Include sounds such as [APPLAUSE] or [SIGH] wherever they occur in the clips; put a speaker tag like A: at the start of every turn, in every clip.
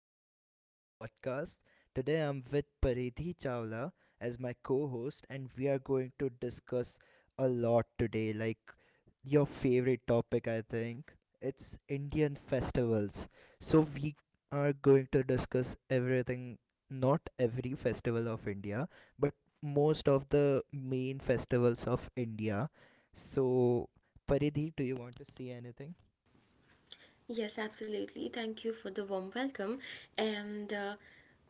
A: everyone to this podcast. Today I'm with Paridhi Chawla as my co-host, and we are going to discuss a lot today, like your favorite topic I think. It's Indian festivals. So we are going to discuss everything, not every festival of India but most of the main festivals of India. So Paridhi, do you want to say anything?
B: Yes, absolutely. Thank you for the warm welcome. And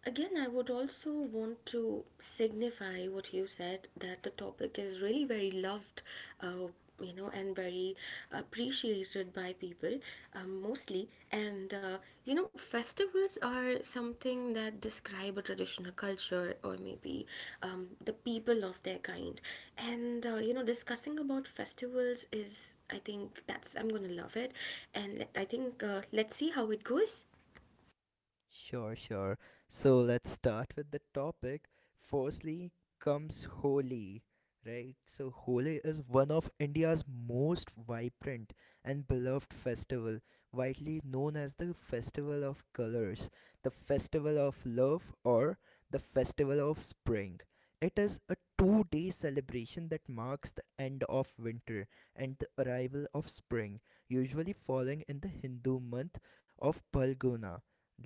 B: again, I would also want to signify what you said that the topic is really very loved, uh, and very appreciated by people mostly. And uh, festivals are something that describe a traditional culture, or maybe the people of their kind. Discussing about festivals is, I think that's I'm gonna love it. And I think let's see how it goes.
A: Sure, sure. So let's start with the topic. Firstly comes Holi, right? So Holi is one of India's most vibrant and beloved festival, widely known as the festival of colors, the festival of love, or the festival of spring. It is a 2-day celebration that marks the end of winter and the arrival of spring, usually falling in the Hindu month of Palguna,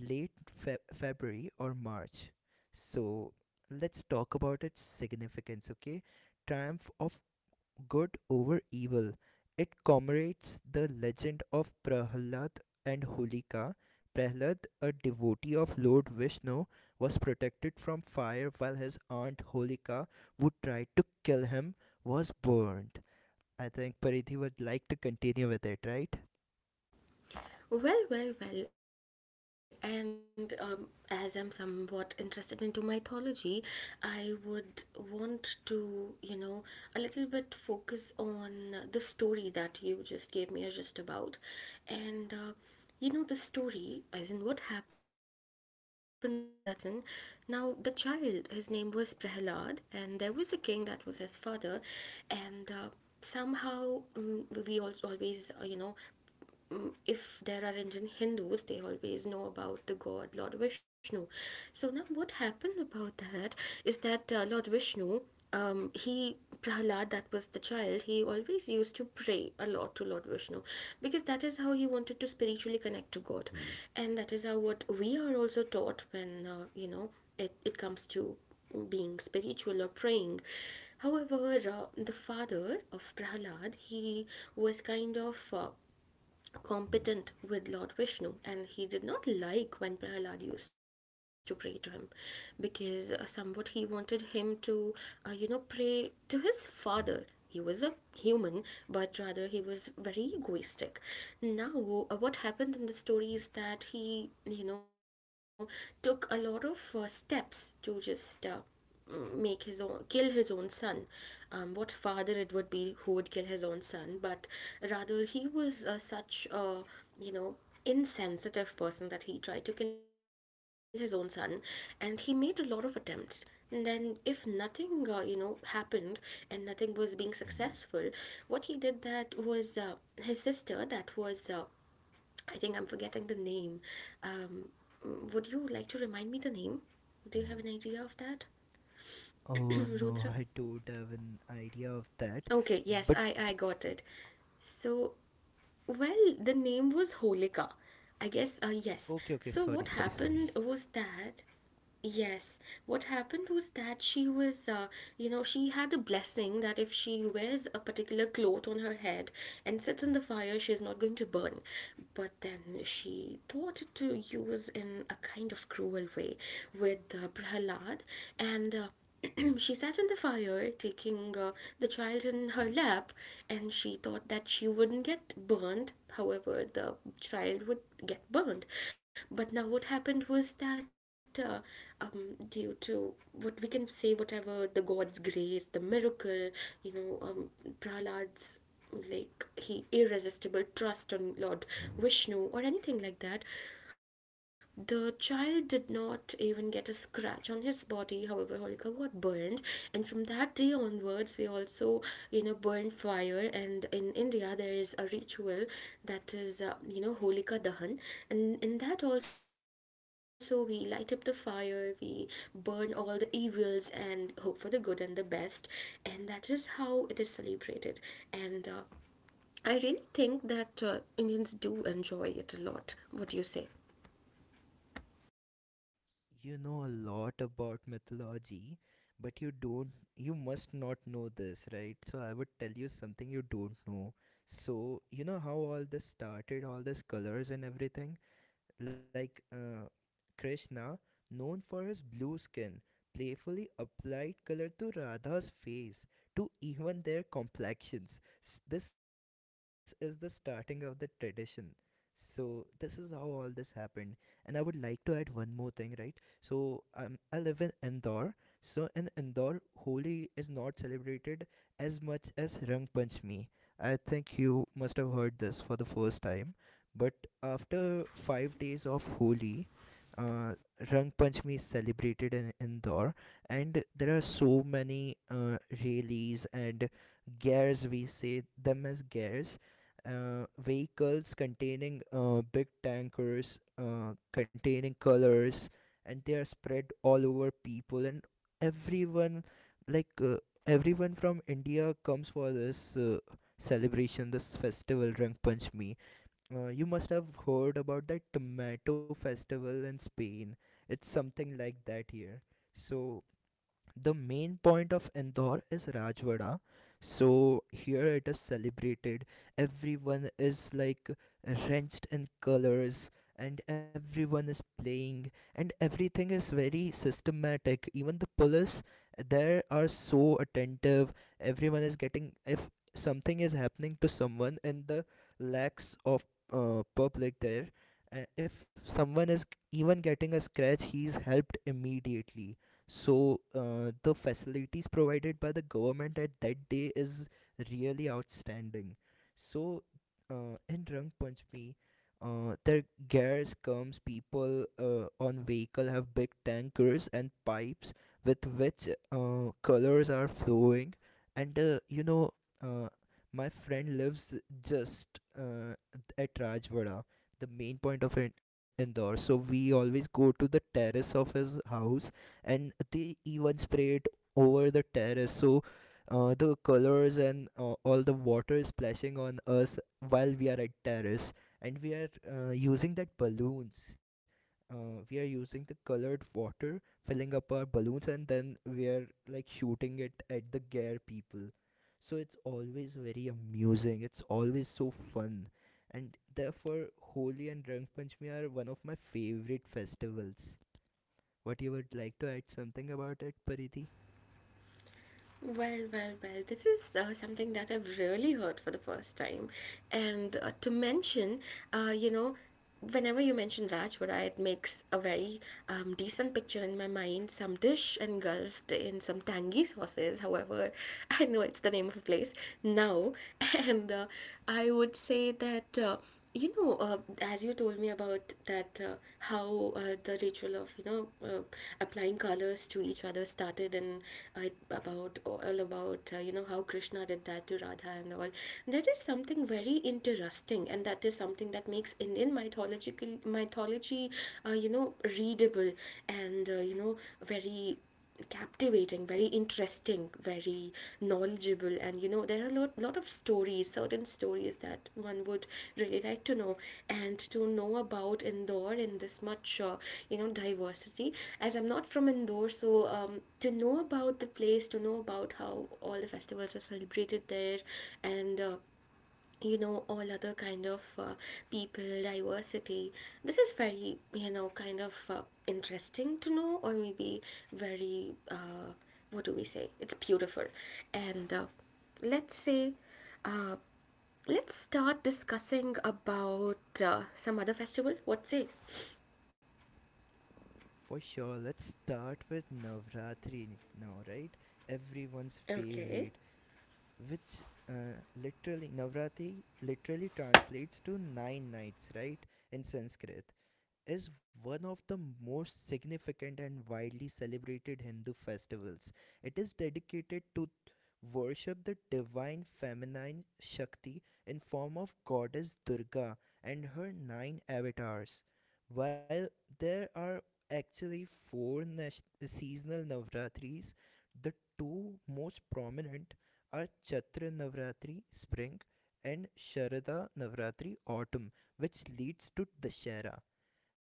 A: late February or March. So let's talk about its significance, okay? Triumph of good over evil. It commemorates the legend of Prahlad and Holika. Prahlad, a devotee of Lord Vishnu, was protected from fire, while his aunt Holika, who tried to kill him, was burned. I think Paridhi would like to continue with it, right?
B: Well, well, well, and as I'm somewhat interested into mythology, I would want to, you know, a little bit focus on the story that you just gave me a gist about, and you know, the story, as in what happened with that person. Now, the child, his name was Prahlad, and there was a king that was his father, and somehow, we all always, if there are Indian Hindus, they always know about the god Lord Vishnu. So now, what happened about that is that Lord Vishnu, he Prahlad, that was the child, he always used to pray a lot to Lord Vishnu because that is how he wanted to spiritually connect to God, and that is how what we are also taught when it comes to being spiritual or praying. However, the father of Prahlad, he was kind of competent with Lord Vishnu, and he did not like when Prahlad used to pray to him because somewhat he wanted him to, pray to his father. He was a human, but rather he was very egoistic. Now, what happened in the story is that he, you know, took a lot of steps to just make his own kill his own son. What father it would be who would kill his own son? But rather, he was such a, you know insensitive person that he tried to kill his own son, and he made a lot of attempts. And then, if nothing happened and nothing was being successful, what he did that was his sister, that was, I think I'm forgetting the name. um, would you like to remind me the name? Do you have an idea of that? [CLEARS THROAT]
A: Oh
B: Rudra?
A: no, [LAUGHS] I don't have an idea of that.
B: Okay, yes,
A: But
B: I got it. So, well, the name was Holika, I guess,
A: okay, okay,
B: yes.
A: sorry,
B: So,
A: sorry,
B: what
A: sorry.
B: happened was that, yes, what happened was that she was, you know, she had a blessing that if she wears a particular cloth on her head and sits in the fire, she is not going to burn. But then she thought to use in a kind of cruel way with Prahlad, and [CLEARS THROAT] she sat on the fire, taking the child in her lap, and she thought that she wouldn't get burned. However, the child would get burned. But now, what happened was that, due to what we can say, whatever the God's grace, the miracle, you know, um, Prahlad's, like, he irresistible trust on Lord Vishnu or anything like that, the child did not even get a scratch on his body. However, Holika got burned, and from that day onwards, we also, you know, burn fire. And in India, there is a ritual that is, Holika Dahan, and in that also we light up the fire, we burn all the evils, and hope for the good and the best. And that is how it is celebrated. And I really think that Indians do enjoy it a lot. What do you say?
A: You know a lot about mythology, but you must not know this, right? So I would tell you something you don't know. So, you know how all this started, all these colors and everything? Like, Krishna, known for his blue skin, playfully applied color to Radha's face to even their complexions. This is the starting of the tradition. So this is how all this happened, and I would like to add one more thing, right? So I live in Indore. So in Indore, Holi is not celebrated as much as Rang Panchami. I think you must have heard this for the first time. But after 5 days of Holi, uh, Rang Panchami is celebrated in Indore, and there are so many rallies and gears — we say them as gears, vehicles containing big tankers, containing colors, and they are spread all over people. And everyone, like uh, everyone from India comes for this celebration, this festival, Rang Panchami. You must have heard about that tomato festival in Spain. It's something like that here. So the main point of Indore is Rajwada. So here it is celebrated. Everyone is like drenched in colors, and everyone is playing, and everything is very systematic. Even the police there are so attentive. Everyone is getting If something is happening to someone in the lacks of public there, if someone is even getting a scratch, he's helped immediately. So the facilities provided by the government at that day is really outstanding. So in rang panchmi, their gas comes, people on vehicle have big tankers and pipes with which colors are flowing. And uh, my friend lives just at Rajwada, the main point of Indore. So we always go to the terrace of his house, and they even spray it over the terrace. So the colors and all the water is splashing on us while we are at terrace. And we are using that balloons, we are using the colored water, filling up our balloons, and then we are like shooting it at the gear people. So it's always very amusing, it's always so fun. And therefore, Holi and Rang Panchami are one of my favorite festivals. What, you would like to add something about it, Paridhi?
B: Well, well, well, this is something that I've really heard for the first time. And to mention, you know, whenever you mention Rajwada, it makes a very decent picture in my mind. Some dish engulfed in some tangy sauces, however, [LAUGHS] I know it's the name of a place now. [LAUGHS] And I would say that. As you told me about that, how the ritual of, you know, applying colors to each other started, and about all about, how Krishna did that to Radha and all. That is something very interesting, and that is something that makes Indian mythological mythology, uh, you know, readable, and very captivating, very interesting, very knowledgeable. And you know, there are a lot, lot of stories, certain stories that one would really like to know. And to know about Indore in this much diversity, as I'm not from Indore, so to know about the place, to know about how all the festivals are celebrated there, and all other kind of people diversity, this is very, you know, kind of interesting to know, or maybe very what do we say, it's beautiful. And let's say, uh, let's start discussing about some other festival. What say?
A: For sure, let's start with Navratri now, right? Everyone's
B: Okay.
A: favorite, which literally Navratri literally translates to 9 nights, right? In Sanskrit. Is one of the most significant and widely celebrated Hindu festivals. It is dedicated to worship the divine feminine Shakti in form of goddess Durga and her nine avatars. While there are actually four seasonal Navratris, the two most prominent are Chatra Navratri spring and Sharada Navratri autumn, which leads to Dashera.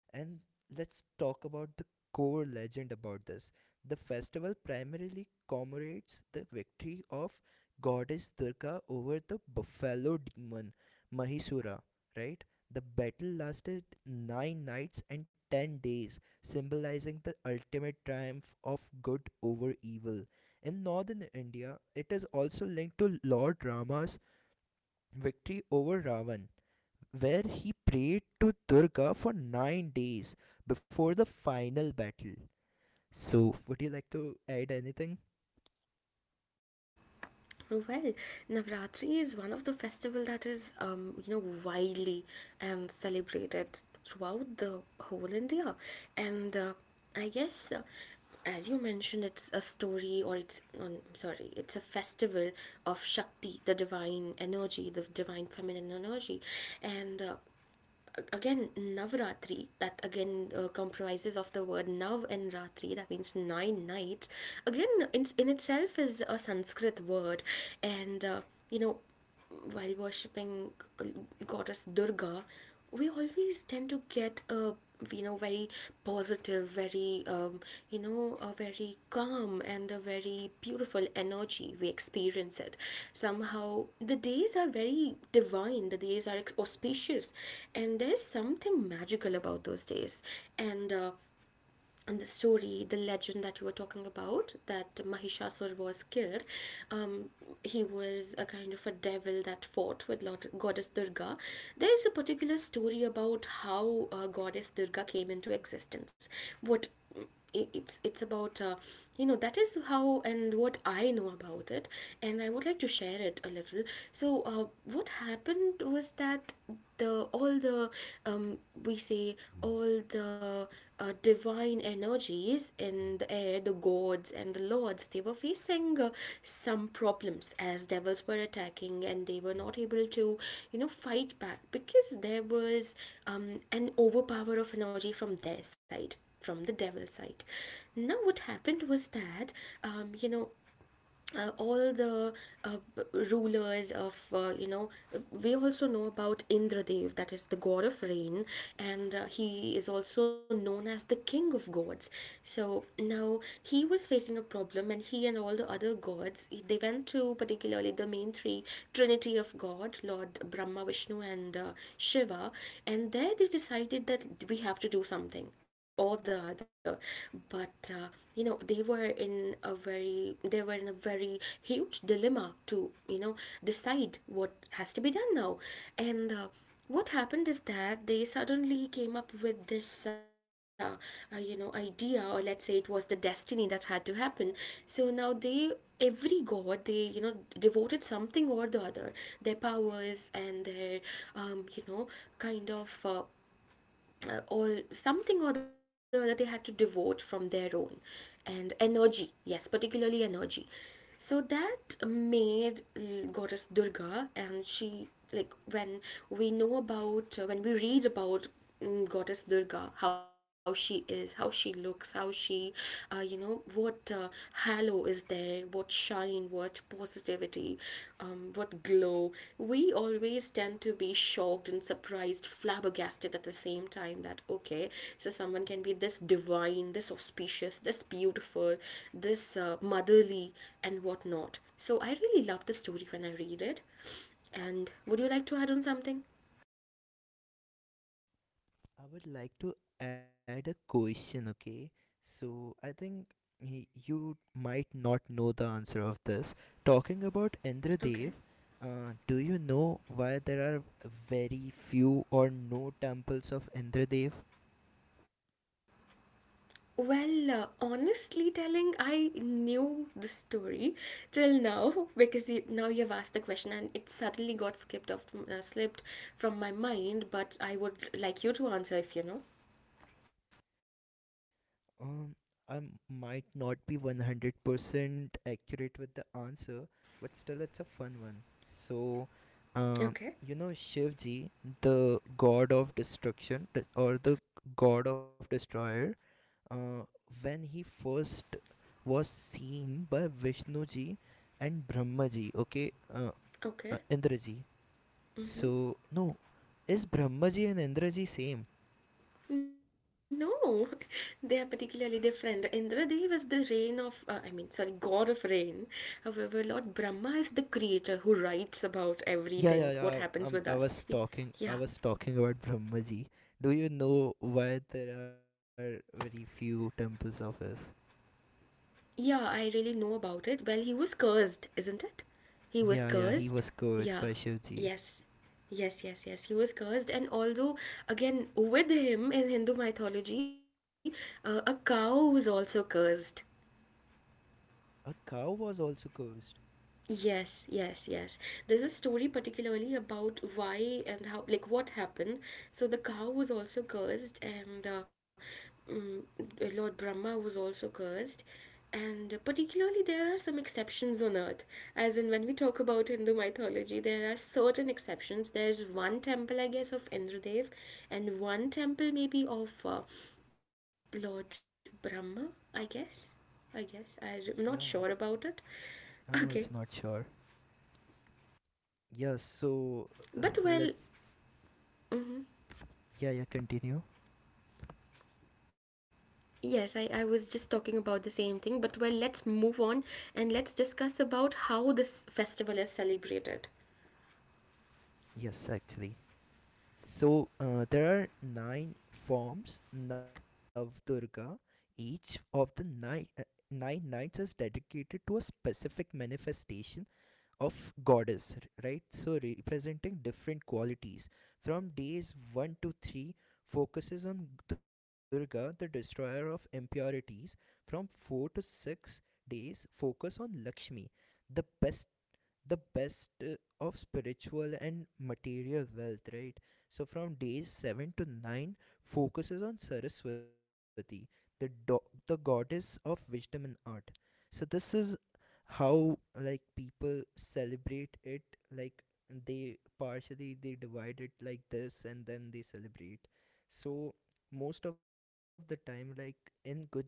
A: And let's talk about the core legend about this. The festival primarily commemorates the victory of goddess Durga over the buffalo demon Mahisura, right? The battle lasted 9 nights and 10 days, symbolizing the ultimate triumph of good over evil. In northern India, it is also linked to Lord Rama's victory over Ravan, where he prayed to Durga for 9 days before the final battle. So, would you like to add anything?
B: Oh, well, Navratri is one of the festival that is, you know, widely and celebrated throughout the whole India, and I guess, as you mentioned, it's a story, or it's sorry, it's a festival of Shakti, the divine energy, the divine feminine energy, and again Navratri, that again comprises of the word Nav and Ratri, that means nine nights, again in itself is a Sanskrit word. And uh, you know while worshipping uh, Goddess Durga, we always tend to get a very positive, very a very calm and a very beautiful energy. We experience it. Somehow the days are very divine, the days are auspicious, and there's something magical about those days. And and the story, the legend that you were talking about, that Mahishasur was killed, um, he was a kind of a devil that fought with Lord, Goddess Durga. There is a particular story about how Goddess Durga came into existence. What it's about that is how and what I know about it, and I would like to share it a little. So what happened was that the all the, um, we say all the divine energies in the air, the gods and the lords, they were facing some problems, as devils were attacking, and they were not able to, you know, fight back because there was an overpower of energy from their side, from the devil side. Now what happened was that, um, you know all the uh, b- rulers of, we also know about Indradev, that is the god of rain, and he is also known as the king of gods. So now he was facing a problem, and he and all the other gods, they went to particularly the main three, trinity of god, Lord Brahma, Vishnu, and Shiva. And there they decided that we have to do something or the other, but that they were in a very, they were in a very huge dilemma to, you know, decide what has to be done now. And what happened is that they suddenly came up with this idea, or let's say it was the destiny that had to happen. So now they, every god, they, you know, devoted something or the other, their powers and their, um, you know kind of or something or the other they had to devote from their own, and energy, yes, particularly energy. So that made Goddess Durga, and she, like, when we know about when we read about, Goddess Durga, how she is, how she looks, how she, what halo is there, what shine, what positivity, what glow. We always tend to be shocked and surprised, flabbergasted at the same time, that okay, so someone can be this divine, this auspicious, this beautiful, this motherly, and whatnot. So I really love the story when I read it. And would you like to add on something?
A: I would like to add a question, okay? So, I think you might not know the answer of this. Talking about Indradev,
B: Okay.
A: do you know why there are very few or no temples of Indradev?
B: Well, honestly telling, I knew the story till now [LAUGHS] because you, now you've asked the question and it suddenly got skipped off, slipped from my mind. But I would like you to answer if you know.
A: Um, I might not be 100% accurate with the answer, but still, it's a fun one. So, um,
B: Okay.
A: you know, Shivji, the god of destruction or the god of destroyer, uh, when he first was seen by Vishnuji and Brahmaji, okay, Indraji.
B: Okay.
A: So, no, is Brahmaji and Indraji same?
B: No, [LAUGHS] they are particularly different. Indradev is the rain of, I mean, sorry, god of rain. However, Lord Brahma is the creator who writes about
A: Yeah, yeah,
B: everything, what
A: yeah.
B: happens with
A: I
B: us.
A: was
B: He,
A: talking. I
B: yeah,
A: was talking about Brahmaji. Do you know why there are very few temples of his?
B: yeah, I really know about it. Well, he was cursed, isn't it? He was
A: Yeah, yeah. He
B: cursed.
A: was cursed
B: Yeah.
A: by Shivji.
B: Yes. Yes, yes, yes. He was cursed. And although, again, with him in Hindu mythology, a cow was also cursed.
A: A cow was also cursed.
B: Yes, yes, yes. There's a story particularly about why and how, like, what happened. So the cow was also cursed, and mm, Lord Brahma was also cursed. And particularly, there are some exceptions on earth. As in, when we talk about Hindu mythology, there are certain exceptions. There's one temple, I guess, of Indradev, and one temple maybe of Lord Brahma, I guess. I guess. I'm not sure
A: Yeah,
B: about it. Okay.
A: I'm also not sure. Yeah. So
B: But well,
A: let's.
B: mm-hmm.
A: Yeah, yeah. Continue.
B: Yes, I was just talking about the same thing, but well, let's move on and let's discuss about how this festival is celebrated.
A: Yes, actually. So there are nine forms Navdurga. Each of the nine nights is dedicated to a specific manifestation of goddess, right? So representing different qualities. From days 1 to 3 focuses on Durga, the destroyer of impurities. From 4 to 6 days focus on Lakshmi, the best the best of spiritual and material wealth, right? So from days 7 to 9 focuses on Saraswati, the do- the goddess of wisdom and art. So this is how like people celebrate it. Like, they divide it like this, and then they celebrate. So most of the time, like in Gujarat,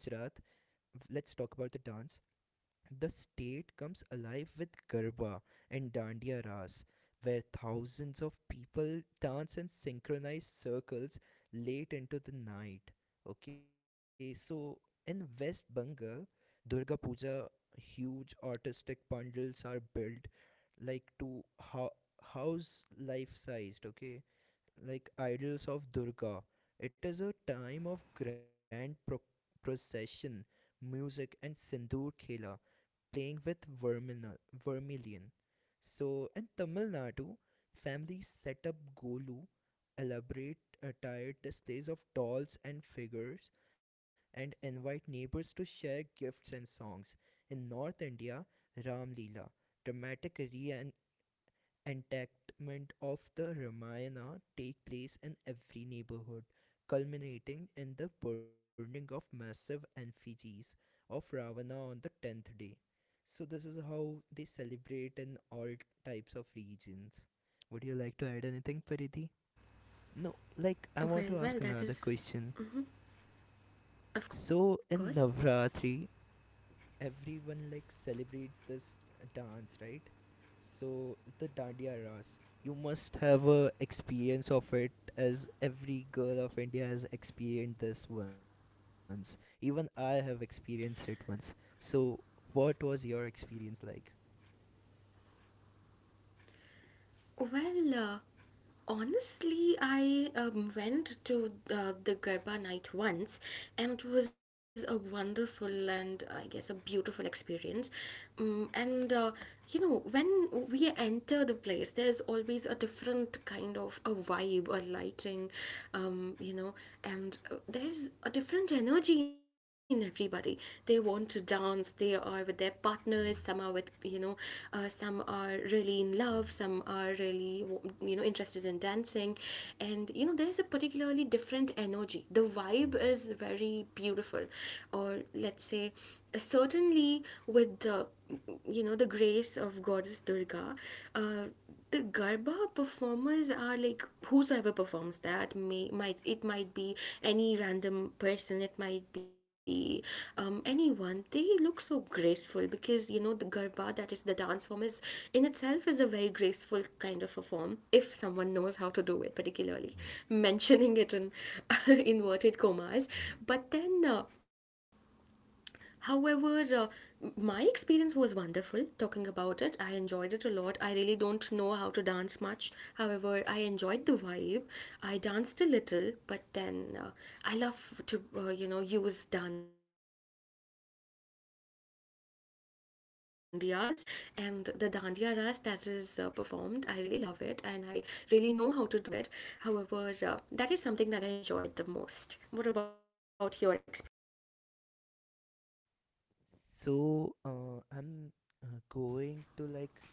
A: let's talk about the dance. The state comes alive with Garba and Dandiya Ras, where thousands of people dance in synchronized circles late into the night. Okay, so in West Bengal, Durga Puja, huge artistic bundles are built, like to house life sized, okay, like idols of Durga. It is a time of grand procession, music, and sindoor khela, playing with Vermilion. So in Tamil Nadu, families set up Golu, elaborate attired displays of dolls and figures, and invite neighbors to share gifts and songs. In North India, Ram Leela, dramatic enactment of the Ramayana, take place in every neighborhood, culminating in the burning of massive effigies of Ravana on the 10th day. So this is how they celebrate in all types of regions. Would you like to add anything, Paridhi? No, like I want to
B: Well,
A: ask
B: well,
A: another
B: that is,
A: question.
B: of
A: So
B: course.
A: in Navratri, everyone like celebrates this dance, right? So the Dandiya Ras, you must have a experience of it, as every girl of India has experienced this once. Even I have experienced it once. So what was your experience like?
B: Well, uh, Honestly, I went to the Garba night once, and it was a wonderful and I guess a beautiful experience. And You know, when we enter the place, there's always a different kind of a vibe, a lighting, you know, and there's a different energy in everybody. They want to dance. They are with their partners. Some are with, you know, some are really in love, some are really, you know, interested in dancing. And you know, there's a particularly different energy. The vibe is very beautiful, or let's say, certainly with the, you know, the grace of goddess Durga, the Garba performers are like, whosoever performs, that may might it might be any random person, it might be, anyone. They look so graceful because, you know, the Garba, that is the dance form, is in itself is a very graceful kind of a form if someone knows how to do it particularly [LAUGHS] mentioning it in [LAUGHS] inverted commas. But then uh, However, uh, my experience was wonderful talking about it. I enjoyed it a lot. I really don't know how to dance much. However, I enjoyed the vibe. I danced a little, but then I love to, you know, use dandiyas, and the dandiya ras that is performed. I really love it and I really know how to do it. However, that is something that I enjoyed the most. What about your experience?
A: So I'm going to, like,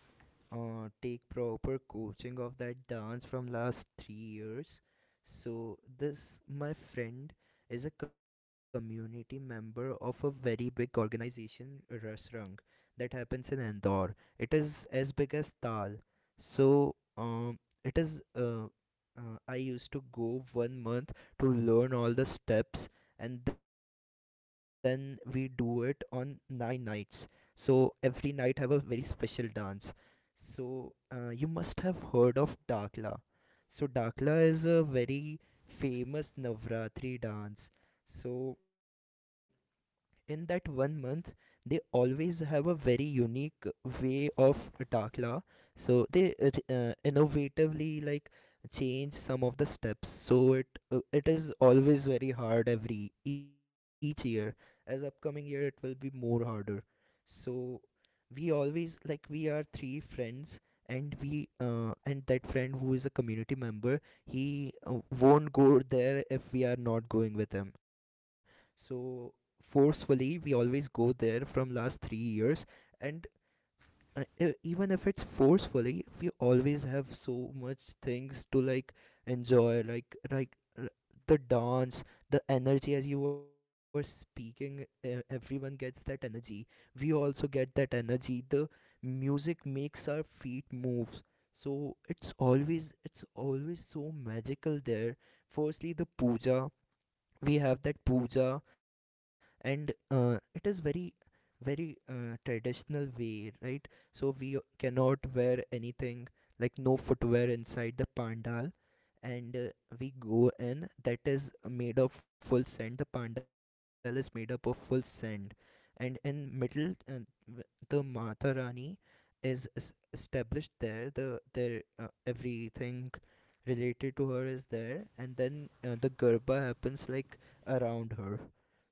A: take proper coaching of that dance from last 3 years. So this, my friend, is a community member of a very big organization, Rasrang, that happens in Andor. It is as big as Tal. So it is I used to go 1 month to learn all the steps, and then we do it on 9 nights. So every night have a very special dance. So you must have heard of Dakla. So Dakla is a very famous Navratri dance. So in that 1 month, they always have a very unique way of dakla. So they innovatively, like, change some of the steps. So it is always very hard every each year, as upcoming year it will be more harder. So we always like we are three friends, and we and that friend who is a community member, he won't go there if we are not going with him. So forcefully we always go there from last 3 years. And even if it's forcefully, we always have so much things to, like, enjoy, like, the dance, the energy. As you were speaking, everyone gets that energy. We also get that energy. The music makes our feet move. So it's always so magical there. Firstly, the puja. We have that puja. And it is very, very, traditional way, right? So we cannot wear anything, like no footwear inside the pandal. And we go in that is made of full sand. The pandal is made up of full sand. And in middle, w- the mata rani is established there. The there Everything related to her is there, and then the garba happens like around her.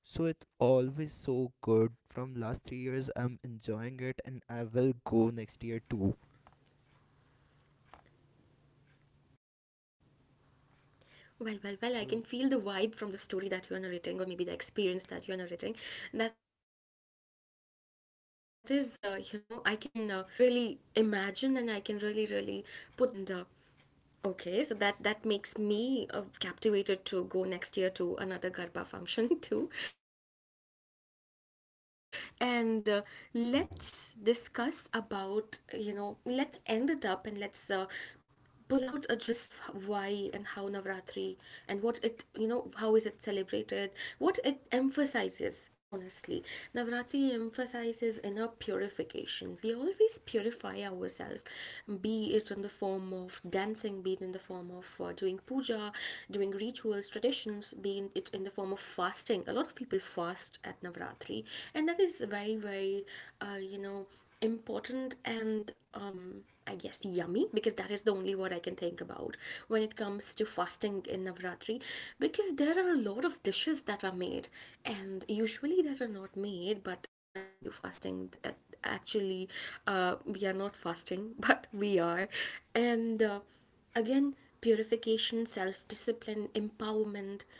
A: So it's always so good. From last 3 years, I'm enjoying it, and I will go next year too.
B: Well, I can feel the vibe from the story
A: So
B: that you are narrating, or maybe the experience that you are narrating. That is, you know, I can, really imagine, and I can really, really put that into my thoughts, like how wonderful and beautiful it must be. And Okay, so that makes me captivated to go next year to another Garba function [LAUGHS] too, and let's discuss about, you know, let's end it up and let's, pull out a gist of why and how Navratri and what it, you know, how is it celebrated, what it emphasizes honestly. Navratri emphasizes inner purification. We always purify ourselves, be it in the form of dancing, be it in the form of, doing puja, doing rituals, traditions, be it in the form of fasting. A lot of people fast at Navratri, and that is very, very, you know, important. And I guess yummy, because that is the only word I can think about when it comes to fasting in Navratri, because there are a lot of dishes that are made, and usually that are not made, but when we do fasting, that actually, we are not fasting [LAUGHS] but we are. And again, purification, self-discipline, empowerment,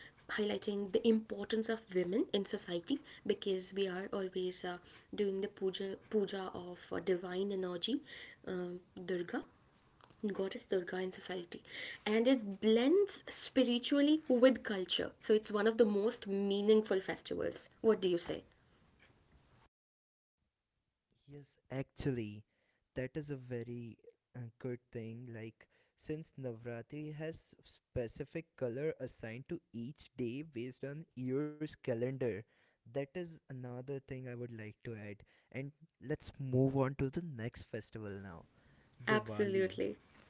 B: highlighting the importance of women in society, because we are always, doing the puja, puja of, divine energy, uh, Durga, goddess Durga in society. And it blends spiritually with culture, so it's one of the most meaningful festivals. What do you say?
A: yes, actually, that is a very good thing. Like since Navratri has specific color assigned to each day based on year's calendar. That is another thing I would like to add. And let's move on to the next festival now. Diwali.
B: Absolutely.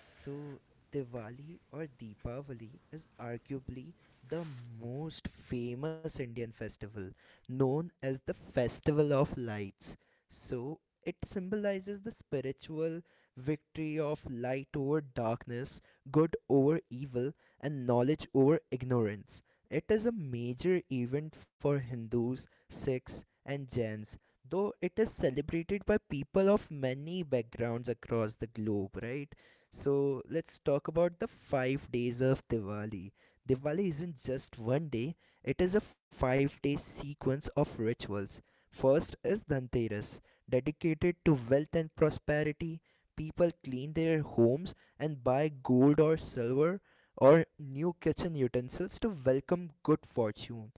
A: So, Diwali or Deepavali is arguably the most famous Indian festival, known as the Festival of Lights. So, it symbolizes the spiritual victory of light over darkness, good over evil, and knowledge over ignorance. It is a major event for Hindus, Sikhs, and Jains, though it is celebrated by people of many backgrounds across the globe, right? So let's talk about the 5 days of Diwali. Diwali isn't just one day, it is a 5 day sequence of rituals. First is Dhanteras, dedicated to wealth and prosperity. People clean their homes and buy gold or silver or new kitchen utensils to welcome good fortune.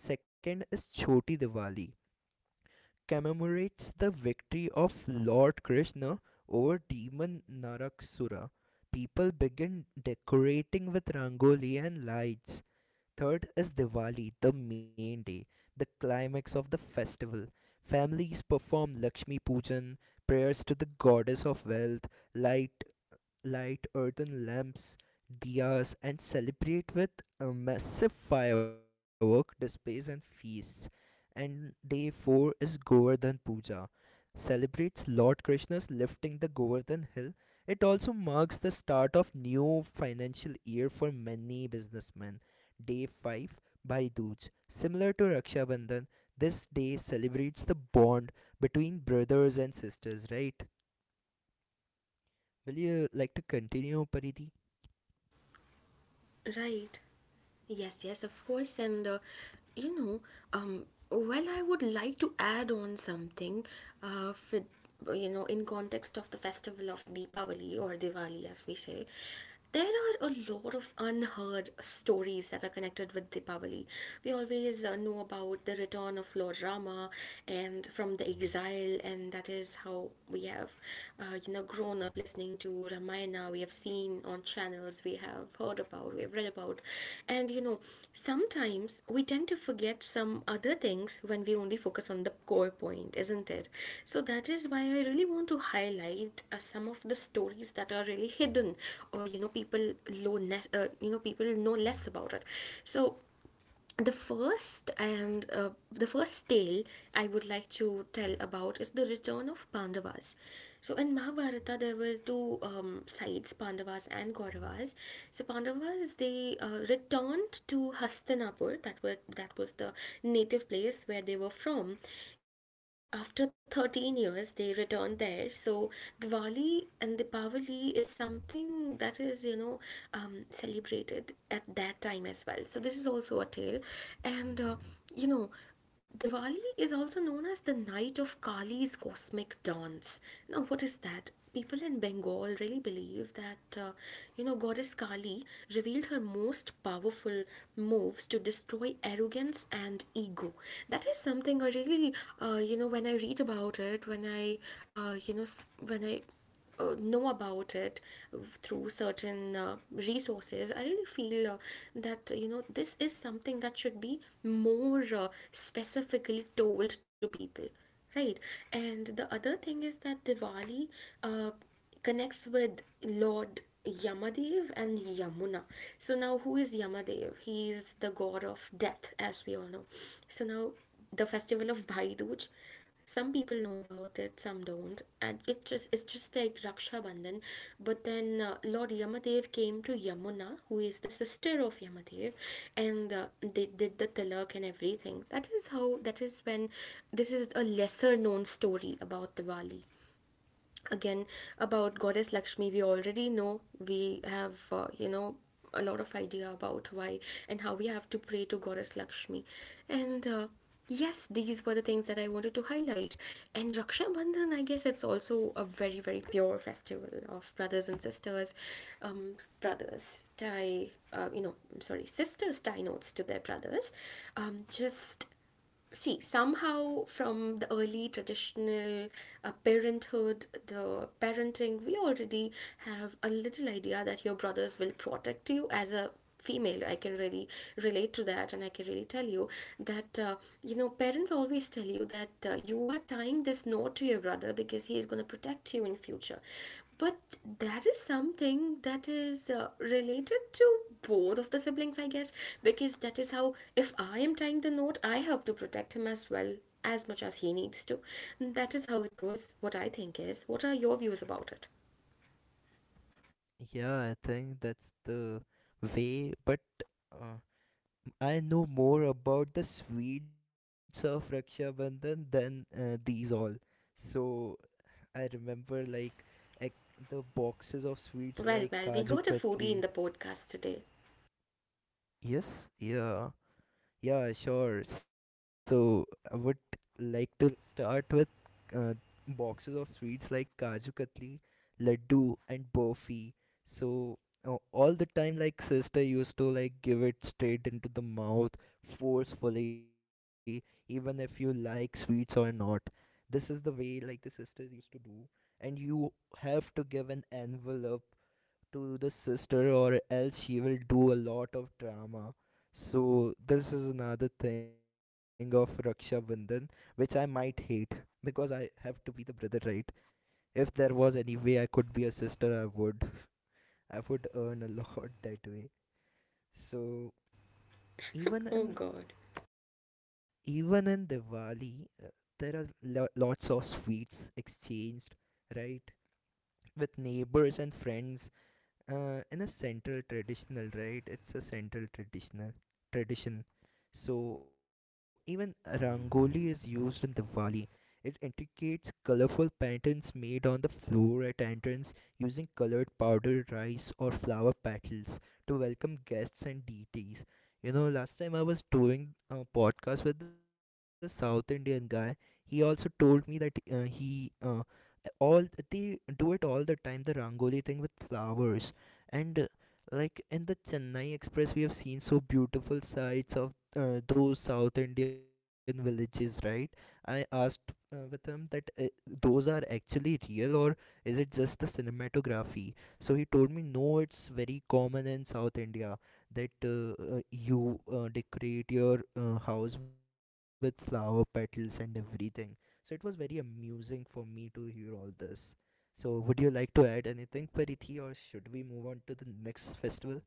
A: Second is Choti Diwali, commemorates the victory of Lord Krishna over demon Narakasura. People begin decorating with rangoli and lights. Third is Diwali, the main day, the climax of the festival. Families perform Lakshmi Pujan, prayers to the goddess of wealth, light light earthen lamps, diyas, and celebrate with massive firework displays and feasts. And day 4 is Govardhan Puja. Celebrates Lord Krishna's lifting the Govardhan hill. It also marks the start of new financial year for many businessmen. Day 5, Bhai Dooj. Similar to Raksha Bandhan, this day celebrates the bond between brothers and sisters, right? Will you like to continue, Pariti?
B: Right. Yes, yes, of course. And you know, um, well, I would like to add on something, for, you know, in context of the festival of Deepavali or Diwali, as we say, there are a lot of unheard stories that are connected with Deepavali. We always know about the return of Lord Rama and from the exile, and that is how we have, you know, grown up listening to Ramayana. We have seen on channels, we have heard about, we have read about. And you know, sometimes we tend to forget some other things when we only focus on the core point, isn't it? So that is why I really want to highlight, some of the stories that are really hidden, or you know, people low less you know, people know less about it. So the first and the first tale I would like to tell about is the return of Pandavas. So in Mahabharata, there was two sides, Pandavas and Kauravas. So Pandavas, they returned to Hastinapur, that was the native place where they were from. After 13 years, they returned there. So Diwali and Dipavali is something that is, you know, celebrated at that time as well, so this is also a tale. And you know, Diwali is also known as the night of Kali's cosmic dance. Now, what is that? People in Bengal really believe that, you know, goddess Kali revealed her most powerful moves to destroy arrogance and ego. That is something I really, you know, when I read about it, you know, s- when I know about it through certain resources. I really feel, that you know, this is something that should be more, specifically told to people, right. And the other thing is that Diwali, uh, connects with Lord Yamadev and Yamuna. So now, who is Yamadev? He is the god of death, as we all know. So now, the festival of Bhai Dooj. Some people know about it, some don't, and it's just like Raksha Bandhan. But then Lord Yamadev came to Yamuna, who is the sister of Yamadev, and they did the tilak and everything. That is when this is a lesser known story about Diwali. Again, about goddess Lakshmi, we already know, we have, you know, a lot of idea about why and how we have to pray to goddess Lakshmi. And yes, these were the things that I wanted to highlight. And Raksha Bandhan, I guess, it's also a very, very pure festival of brothers and sisters. Brothers tie, you know, I'm sorry, sisters tie knots to their brothers. Just see, somehow from the early traditional, parenthood, the parenting, we already have a little idea that your brothers will protect you. As a female, I can really relate to that, and I can really tell you that, you know, parents always tell you that, you are tying this note to your brother because he is going to protect you in future. But that is something that is, related to both of the siblings, I guess, because that is how, if I am tying the note, I have to protect him as well, as much as he needs to. That is how it goes, what I think is. What are your views about it?
A: Yeah, I think that's the way, but uh, I know more about the sweets of Raksha Bandhan than these all. So I remember like ec- the boxes of sweets like
B: Well, well, we
A: Kaju
B: got a foodie
A: Katli.
B: in the podcast today.
A: Yes, yeah. Yeah, sure. So I would like to start with uh, boxes of sweets like kaju katli, laddu, and burfi. So all the time, like sister used to like give it straight into the mouth forcefully, even if you like sweets or not. This is the way like the sisters used to do, and you have to give an envelope to the sister, or else she will do a lot of drama. So, this is another thing of Raksha Bandhan which I might hate because I have to be the brother, right? If there was any way I could be a sister, I would. I would earn a lot [LAUGHS] that way. So,
B: Oh
A: even
B: god.
A: in even in Diwali, there are lots of sweets exchanged, right? With neighbors and friends in a central traditional, right? It's a central traditional tradition. So even rangoli is used in Diwali. It indicates colorful patterns made on the floor at entrance using colored powdered rice or flower petals to welcome guests and deities. You know, last time I was doing a podcast with the South Indian guy, he also told me that he all they do it all the time, the rangoli thing with flowers, and like in the Chennai Express we have seen so beautiful sights of those South Indian villages, right? I asked with him that those are actually real or is it just the cinematography. So he told me no, it's very common in South India that you decorate your house with flower petals and everything. So it was very amusing for me to hear all this. So, would you like to add anything, Parithi, or should we move on to the next festival?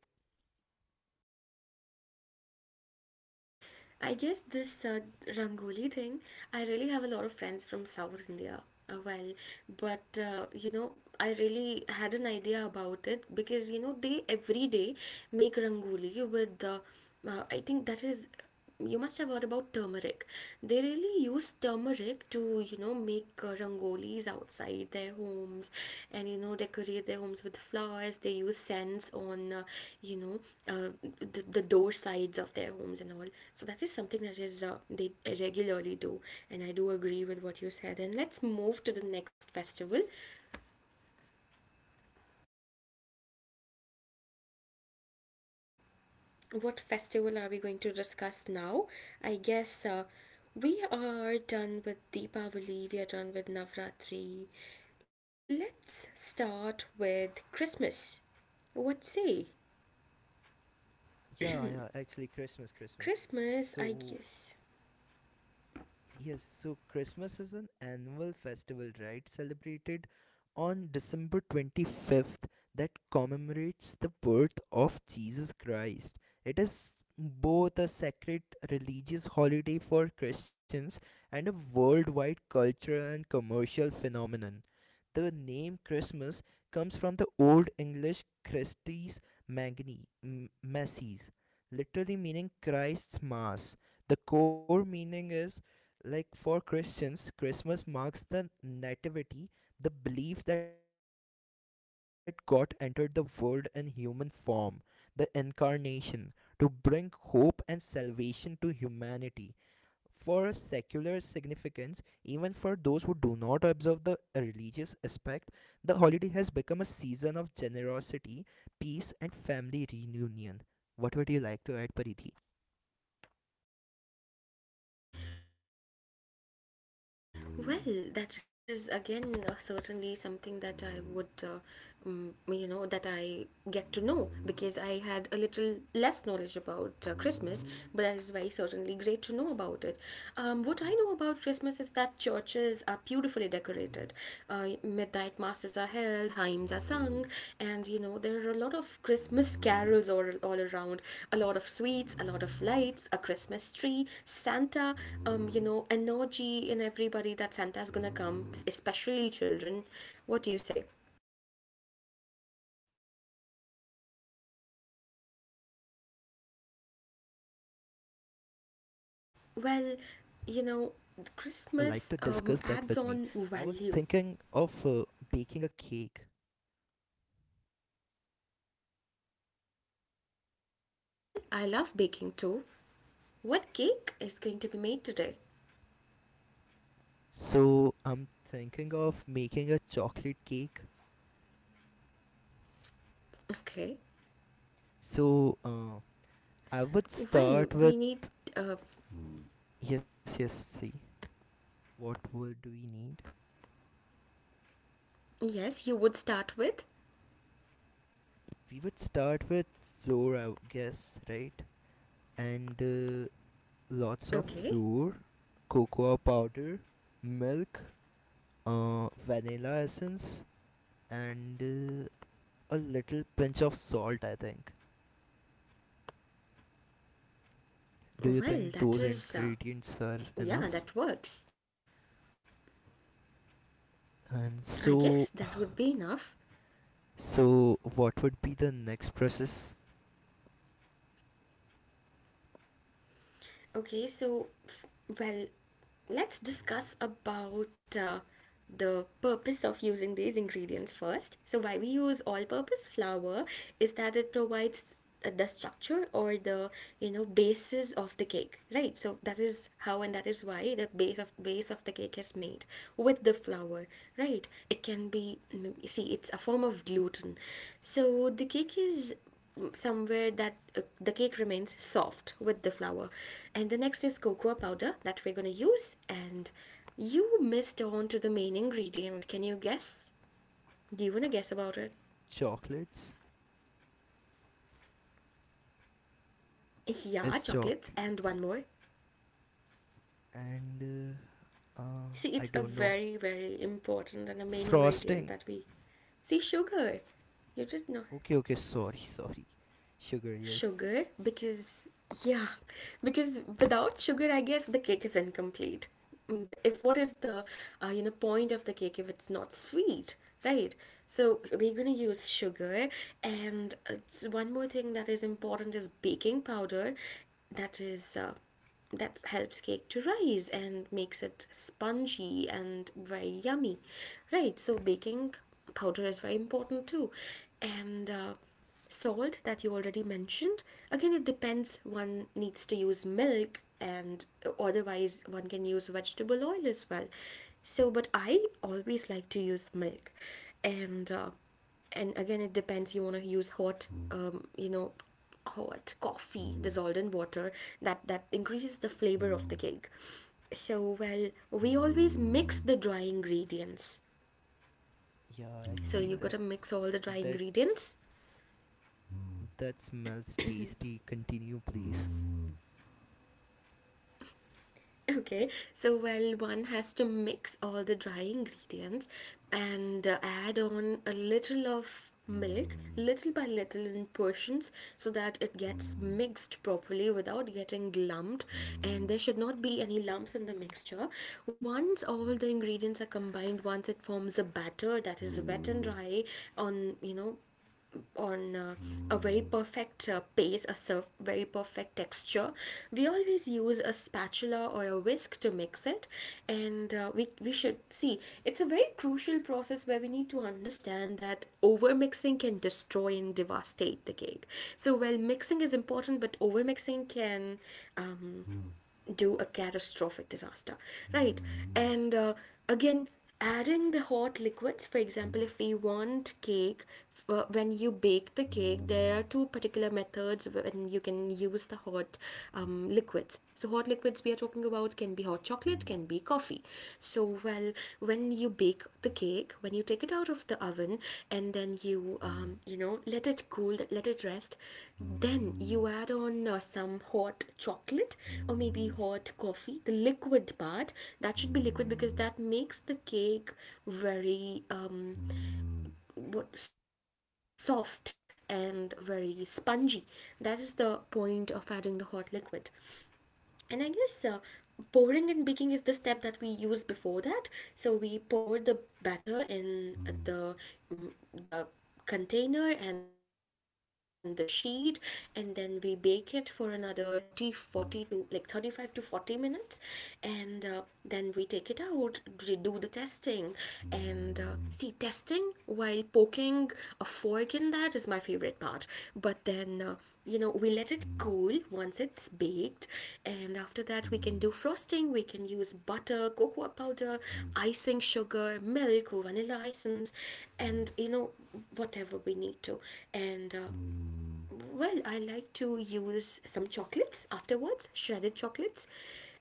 B: I guess this, Rangoli thing, I really have a lot of friends from South India. Well, but you know, I really had an idea about it, because you know, they every day make Rangoli with the, I think that is, you must have heard about turmeric. They really use turmeric to, you know, make rangolis outside their homes and, you know, decorate their homes with flowers. They use scents on, you know, uh, the door sides of their homes and all. So that is something that is, they regularly do. And I do agree with what you said. And let's move to the next festival. What festival are we going to discuss now? I guess, we are done with Deepavali, we are done with Navratri. Let's start with Christmas. What say?
A: Yeah, yeah, actually, Christmas, Christmas.
B: Christmas, I
A: So,
B: guess.
A: yes, so Christmas is an annual festival, right? Celebrated on December 25th that commemorates the birth of Jesus Christ. It is both a sacred religious holiday for Christians and a worldwide cultural and commercial phenomenon. The name Christmas comes from the Old English Christis Magni, Masses, literally meaning Christ's Mass. The core meaning is like for Christians, Christmas marks the nativity, the belief that God entered the world in human form, the incarnation, to bring hope and salvation to humanity. For a secular significance, even for those who do not observe the religious aspect, the holiday has become a season of generosity, peace, and family reunion. What would you like to add, Parithi?
B: Well, that is again, certainly something that I would, you know, that I get to know because I had a little less knowledge about, Christmas, but that is very certainly great to know about it. What I know about Christmas is that churches are beautifully decorated, midnight masses are held, hymns are sung, and you know there are a lot of Christmas carols all around. A lot of sweets, a lot of lights, a Christmas tree, Santa. You know, energy in everybody that Santa's gonna come, especially children. What do you say?
A: I have done something very special this Christmas. Would you like to
B: Well,
A: discuss that with
B: you
A: me?
B: know,
A: I was
B: Christmas
A: thinking
B: adds
A: of
B: on value.
A: baking a cake.
B: Well, well, I love baking too. What cake is going to be made today?
A: So I'm thinking of making a chocolate cake.
B: Okay.
A: So I would start
B: Well,
A: with,
B: we need, uh,
A: yes, yes. See, what would we need?
B: yes, you would start with.
A: We would start with flour, I guess, right? And lots of flour,
B: Okay.
A: cocoa powder, milk, vanilla essence, and a little pinch of salt, I think. Do you think
B: Well,
A: those
B: that is.
A: ingredients are enough?
B: Yeah, that works.
A: And
B: I
A: so
B: guess
A: [SIGHS]
B: that would be enough.
A: so what would be the next process?
B: Okay, so. Well, let's discuss about the purpose of using these ingredients first. So why we use all purpose flour is that it provides the structure, or the basis of the cake, right? So that is how, and that is why the base of the cake is made with the flour. Right, it can be— see, it's a form of gluten. So the cake is somewhere that the cake remains soft with the flour. And the next is cocoa powder that we're going to use, and you missed on to the main ingredient. Can you guess? Do you want to guess about it?
A: Chocolates.
B: Yeah,
A: Is
B: chocolates, and
A: chocolates.
B: one more.
A: And I
B: See, it's
A: don't
B: a
A: know.
B: very very important and a main ingredient
A: Frosting.
B: that we— see, sugar. You did not—
A: Okay, okay, sorry, sorry. Sugar, yes.
B: Sugar, because, yeah, because without sugar, I guess the cake is incomplete. Mm, but if what is the— point of the cake if it's not sweet, right? So we're gonna use sugar, and one more thing that is important is baking powder, that is that helps cake to rise and makes it spongy and very yummy. Right, so baking powder is very important too. And salt that you already mentioned. Again, it depends. One needs to use milk, and otherwise one can use vegetable oil as well. So, but I always like to use milk. And and again, it depends. You want to use hot hot coffee dissolved in water, that increases the flavor of the cake. So, well, we always mix the dry ingredients.
A: Yeah,
B: So
A: actually,
B: you gotta mix
A: that's
B: all the dry
A: that
B: ingredients.
A: that smells tasty, continue please.
B: Okay, so, well, one has to mix all the dry ingredients and add on a little of milk, little by little in portions, so that it gets mixed properly without getting lumped. And there should not be any lumps in the mixture. Once all the ingredients are combined, once it forms a batter that is wet and dry, on, on a very perfect pace, a serve, very perfect texture. We always use a spatula or a whisk to mix it, and we should see it's a very crucial process where we need to understand that over mixing can destroy and devastate the cake. So while mixing is important, but over mixing can um, do a catastrophic disaster, right? And again, adding the hot liquids, for example, if we want cake, when you bake the cake, there are two particular methods when you can use the hot liquids. So hot liquids we are talking about can be hot chocolate, can be coffee. So, well, when you bake the cake, when you take it out of the oven and then you let it cool, let it rest, then you add on some hot chocolate, or maybe hot coffee, the liquid part. That should be liquid because that makes the cake very soft and very spongy. That is the point of adding the hot liquid. And I guess pouring and baking is the step that we use before that. So we pour the batter in the container and the sheet, and then we bake it for another forty to like 35 to 40 minutes. And then we take it out, do the testing. And see, testing while poking a fork in, that is my favorite part. But then we let it cool once it's baked. And after that we can do frosting. We can use butter, cocoa powder, icing sugar, milk, vanilla essence, and whatever we need to. And well, I like to use some chocolates afterwards, shredded chocolates.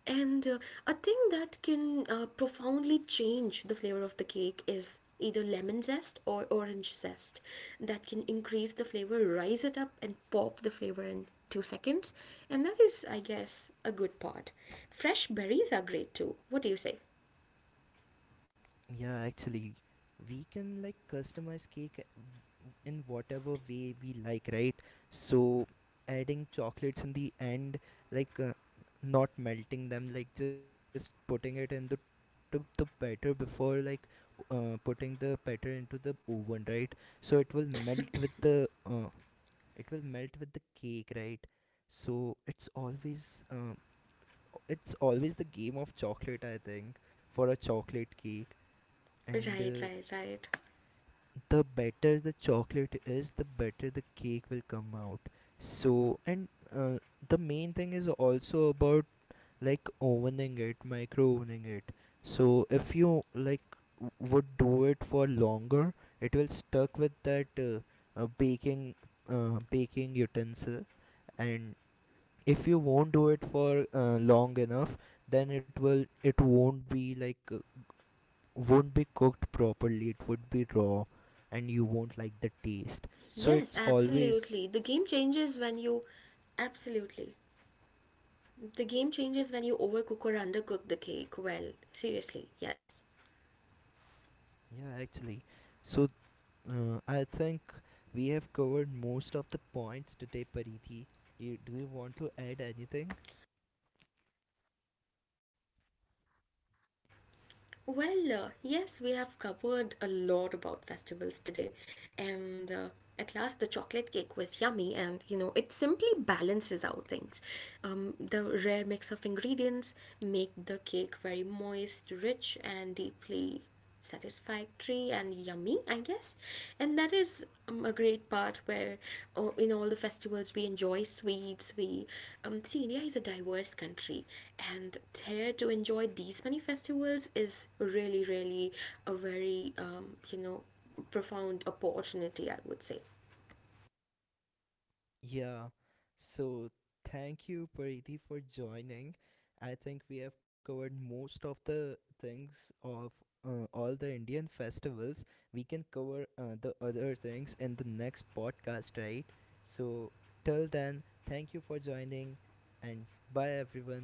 B: And a thing that can profoundly change the flavor of the cake is either lemon zest or orange zest. That can increase the flavor, rise it up, and pop the flavor in 2 seconds. And that is, I guess, a good part. Fresh berries are great too. What do you say?
A: Yeah, actually, we can like customize cake in whatever way we like, right? So, adding chocolates in the end, like not melting them, like just putting it into the batter before like putting the batter into the oven, right? So it will melt with the it will melt with the cake, right? So it's always the game of chocolate, I think, for a chocolate cake. And
B: Right, right, right.
A: the better the chocolate is, the better the cake will come out. So and uh, the main thing is also about like ovening it, micro ovening it. So if you like would do it for longer, it will stuck with that baking baking utensil. And if you won't do it for long enough, then it won't be like won't be cooked properly, it would be raw and you won't like the taste.
B: Yes,
A: So it's
B: absolutely. The game
A: always,
B: changes when you— Absolutely. The game changes when you overcook or undercook the cake. Well, seriously, yes.
A: yeah, actually, so I think we have covered most of the points today, Parithi. You, do you want to add anything?
B: Well, yes, we have covered a lot about festivals today, and at last the chocolate cake was yummy, and you know it simply balances out things. The rare mix of ingredients make the cake very moist, rich, and deeply satisfactory and yummy, I guess. And that is a great part where in all the festivals we enjoy sweets. We see, India is a diverse country, and here to enjoy these many festivals is really really a very profound opportunity, I would say.
A: Yeah. So thank you, Pariti, for joining. I think we have covered most of the things of all the Indian festivals. We can cover the other things in the next podcast, right? So till then, thank you for joining and bye, everyone.